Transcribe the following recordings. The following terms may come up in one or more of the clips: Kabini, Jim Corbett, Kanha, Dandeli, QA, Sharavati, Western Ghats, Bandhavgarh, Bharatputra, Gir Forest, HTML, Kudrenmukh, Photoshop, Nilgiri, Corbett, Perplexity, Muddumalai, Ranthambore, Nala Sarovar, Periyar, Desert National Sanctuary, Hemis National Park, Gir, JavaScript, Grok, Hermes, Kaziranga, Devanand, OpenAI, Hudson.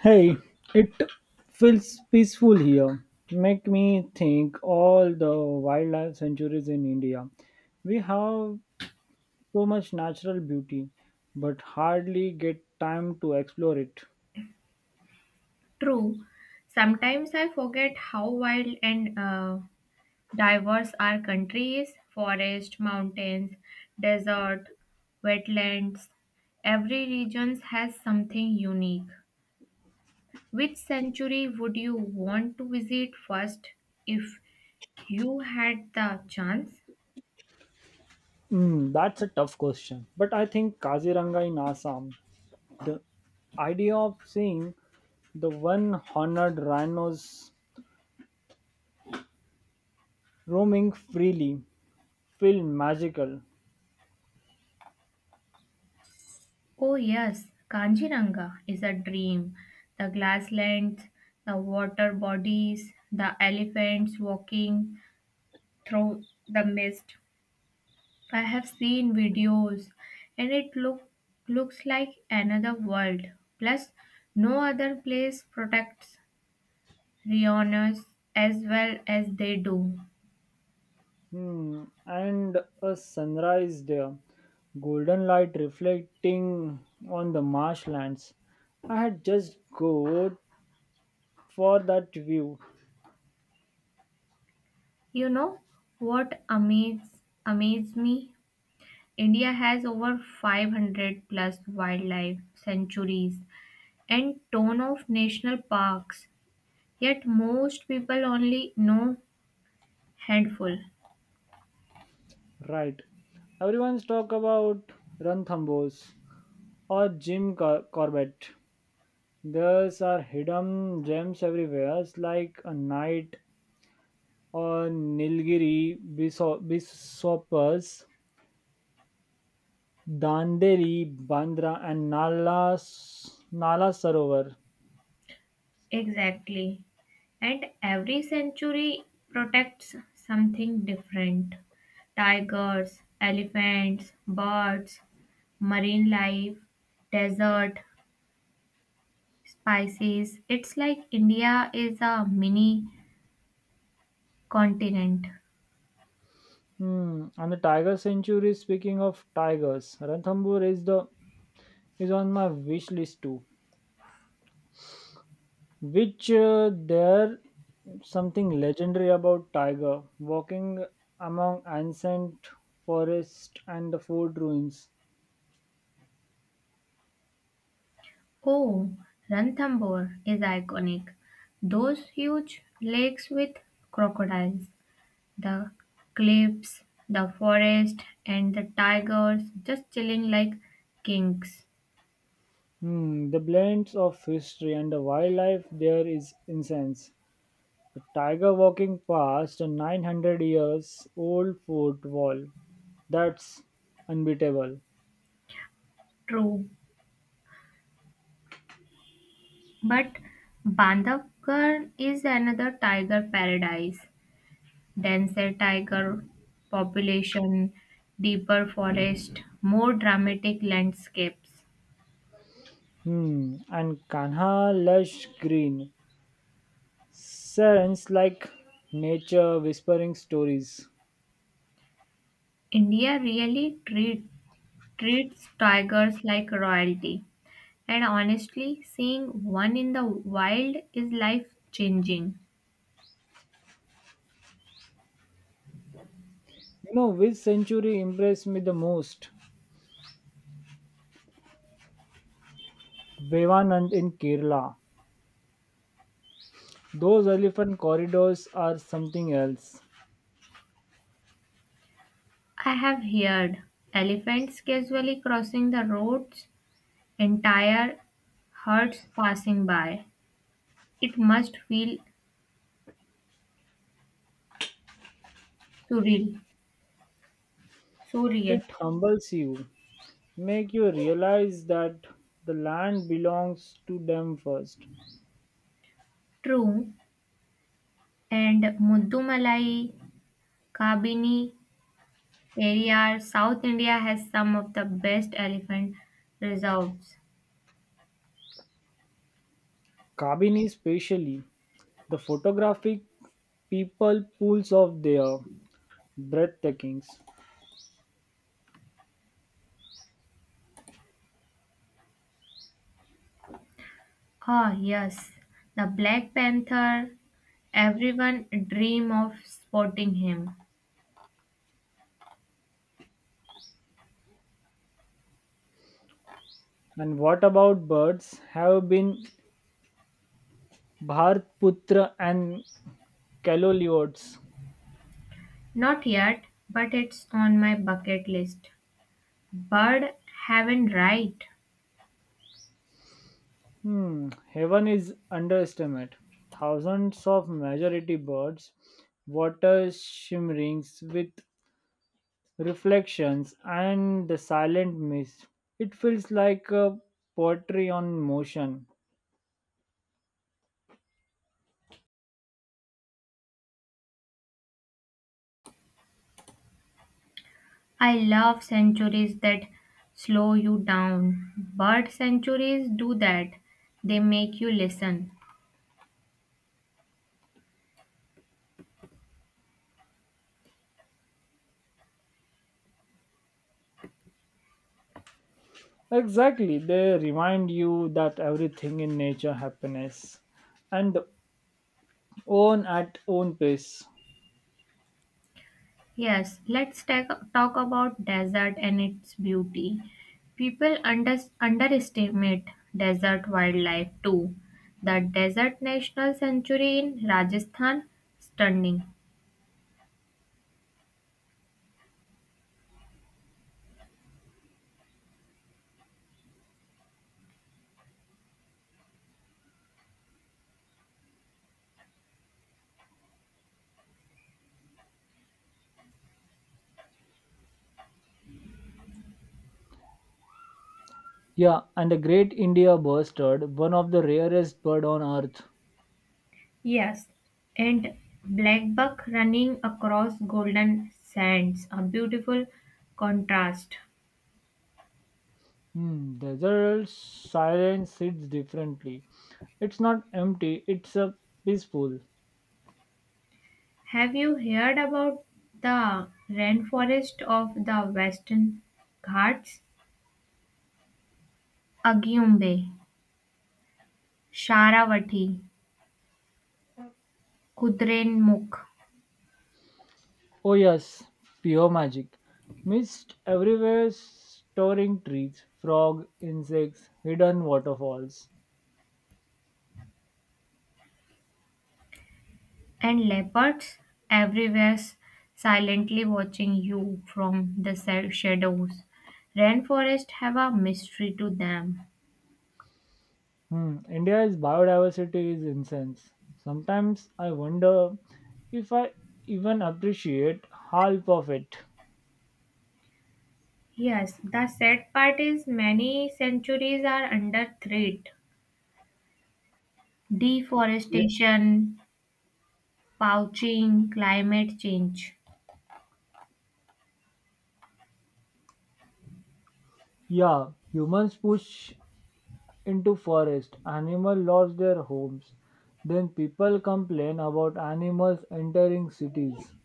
Hey, it feels peaceful here. Make me think all the wildlife sanctuaries in India. We have so much natural beauty, but hardly get time to explore it. True. Sometimes I forget how wild and diverse our country is. Forest, mountains, desert, wetlands. Every region has something unique. Which century would you want to visit first if you had the chance? Hmm, that's a tough question. But I think Kaziranga in Assam, the idea of seeing the one horned rhinos roaming freely feel magical. Oh, yes, Kanjiranga is a dream. The glasslands, the water bodies, the elephants walking through the mist. I have seen videos and it looks like another world. Plus, no other place protects rhinos as well as they do. Hmm, and a sunrise there, golden light reflecting on the marshlands. I had just go for that view, You know what amazes amazed me? India has over 500 plus wildlife sanctuaries and ton of national parks. Yet most people only know handful. right? Everyone's talk about Ranthambos or Corbett. There's are hidden gems everywhere. It's like a knight or Nilgiri, Bishoppers, Dandeli, Bandra, and Nala Sarovar. Exactly. And every century protects something different tigers, elephants, birds, marine life, desert, spices. It's like India is a mini continent. Hmm. And the Tiger Century. Speaking of tigers, Ranthambore is on my wish list too. Which there something legendary about tiger walking among ancient forest and the fort ruins. Oh, Ranthambore is iconic. Those huge lakes with crocodiles. The cliffs, the forest, and the tigers just chilling like kings. Hmm. The blends of history and the wildlife there is incense. A tiger walking past a 900 years old fort wall. That's unbeatable. True. But Bandhavgarh is another tiger paradise. Denser tiger population, deeper forest, more dramatic landscapes. Hmm. And Kanha lush green Sirens like nature whispering stories. India really treats tigers like royalty. And honestly, seeing one in the wild is life changing. You know which century impressed me the most? Devanand in Kerala. Those elephant corridors are something else. I have heard elephants casually crossing the roads, entire herds passing by. It must feel surreal. It Surreal. humbles you, make you realize that the land belongs to them first. True. And Muddumalai, Kabini, Periyar, South India has some of the best elephant reserves. Kabini especially, the photographic people pools of their breathtakings. Ah, yes. The Black Panther. Everyone dream of spotting him. And what about birds? Have been Bharatputra and Caloliotes. Not yet, but it's on my bucket list. Bird heaven right. Hmm, heaven is underestimate. Thousands of majority birds, water shimmerings with reflections and the silent mist. It feels like a poetry on motion. I love centuries that slow you down. Bird centuries do that. They make you listen. Exactly, they remind you that everything in nature happiness and own at own pace. Yes, let's talk about desert and its beauty. People underestimate desert wildlife too. The Desert National Sanctuary in Rajasthan, stunning. Yeah, and the great India bustard, one of the rarest bird on earth. Yes, and blackbuck running across golden sands, a beautiful contrast. Hmm, desert silence sits differently. It's not empty, it's a peaceful. Have you heard about the rainforest of the Western Ghats? Agyumbe, Sharavati, Kudrenmukh, Oh yes, pure magic. Mist everywhere storing trees, frog, insects, hidden waterfalls. and leopards everywhere silently watching you from the shadows. Rainforests have a mystery to them. Hmm, India's biodiversity is intense. Sometimes I wonder if I even appreciate half of it. Yes, the sad part is many centuries are under threat. Ye- Deforestation, poaching, climate change. Yeah, humans push into forest animals lost their homes then people complain about animals entering cities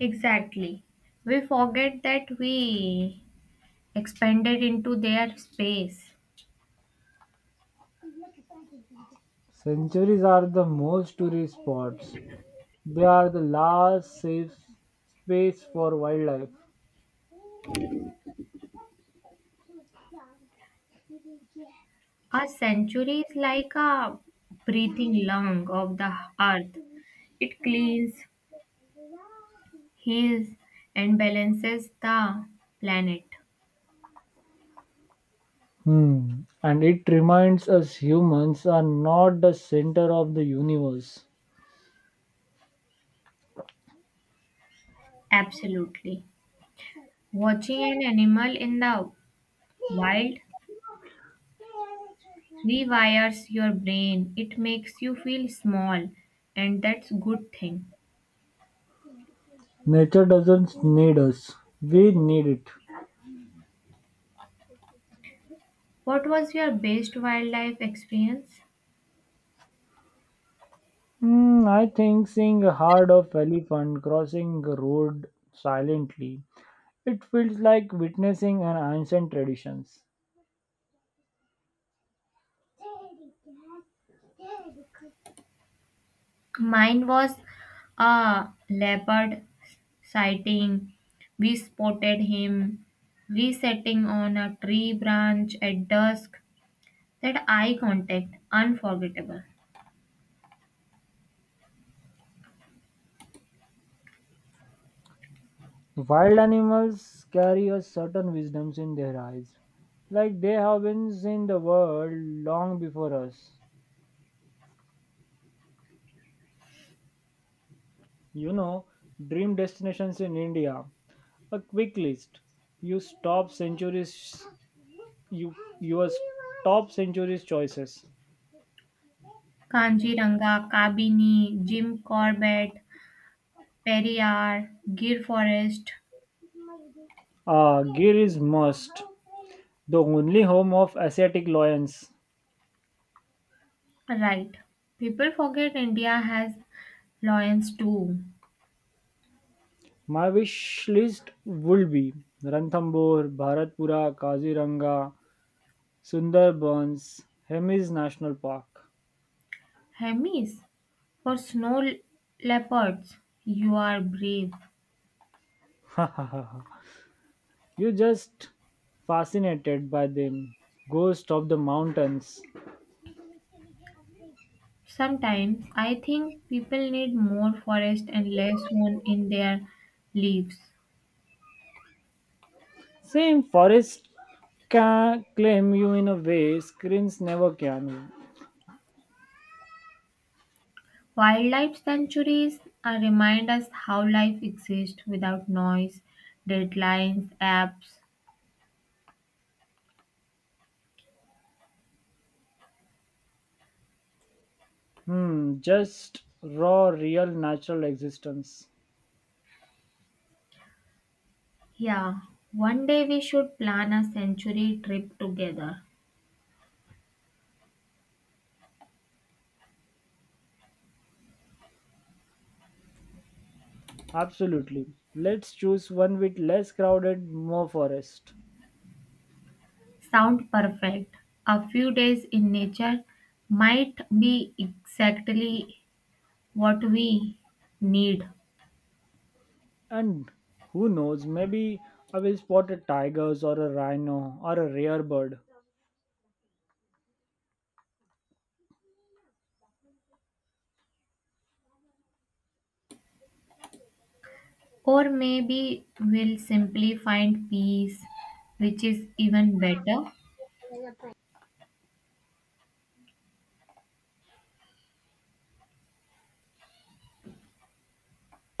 Exactly. We forget that we expanded into their space. sanctuaries are the most tourist spots they are the last safe space for wildlife. A century is like a breathing lung of the earth. It cleans, heals, and balances the planet. Hmm. And it reminds us humans are not the center of the universe. Absolutely. Watching an animal in the wild rewires your brain. It makes you feel small, and that's good thing. Nature doesn't need us, we need it. What was your best wildlife experience? Hmm. I think seeing a herd of elephant crossing a road silently. It feels like witnessing an ancient traditions. Mine was a leopard sighting. We spotted him resetting on a tree branch at dusk. That eye contact, unforgettable. Wild animals carry a certain wisdom in their eyes, like they have been in the world long before us. You know, dream destinations in India. A quick list. You stop centuries. You your top centuries choices. Kanjiranga, Kabini, Jim Corbett, Periyar, Gir Forest. Ah, Gir is must. The only home of Asiatic lions. Right. People forget India has lions too. My wish list would be Ranthambore, Bharatpura, Kaziranga, Sundarbans, Hemis National Park. Hermes for snow leopards. You are brave. you just fascinated by them. Ghost of the mountains. Sometimes I think people need more forest and less one in their leaves. Same forest can claim you in a way screens never can. Wildlife sanctuaries remind us how life exists without noise, deadlines, apps. Hmm, just raw, real, natural existence. Yeah, one day we should plan a sanctuary trip together. Absolutely. Let's choose one with less crowded, more forest. Sound perfect. A few days in nature might be exactly what we need. And who knows, maybe I will spot a tiger or a rhino or a rare bird. Or maybe we'll simply find peace, which is even better.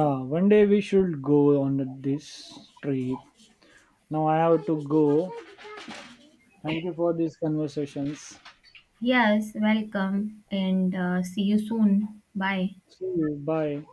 Yeah, one day we should go on this trip. Now I have to go. Thank you for these conversations. Yes, welcome and see you soon. Bye. See you. Bye.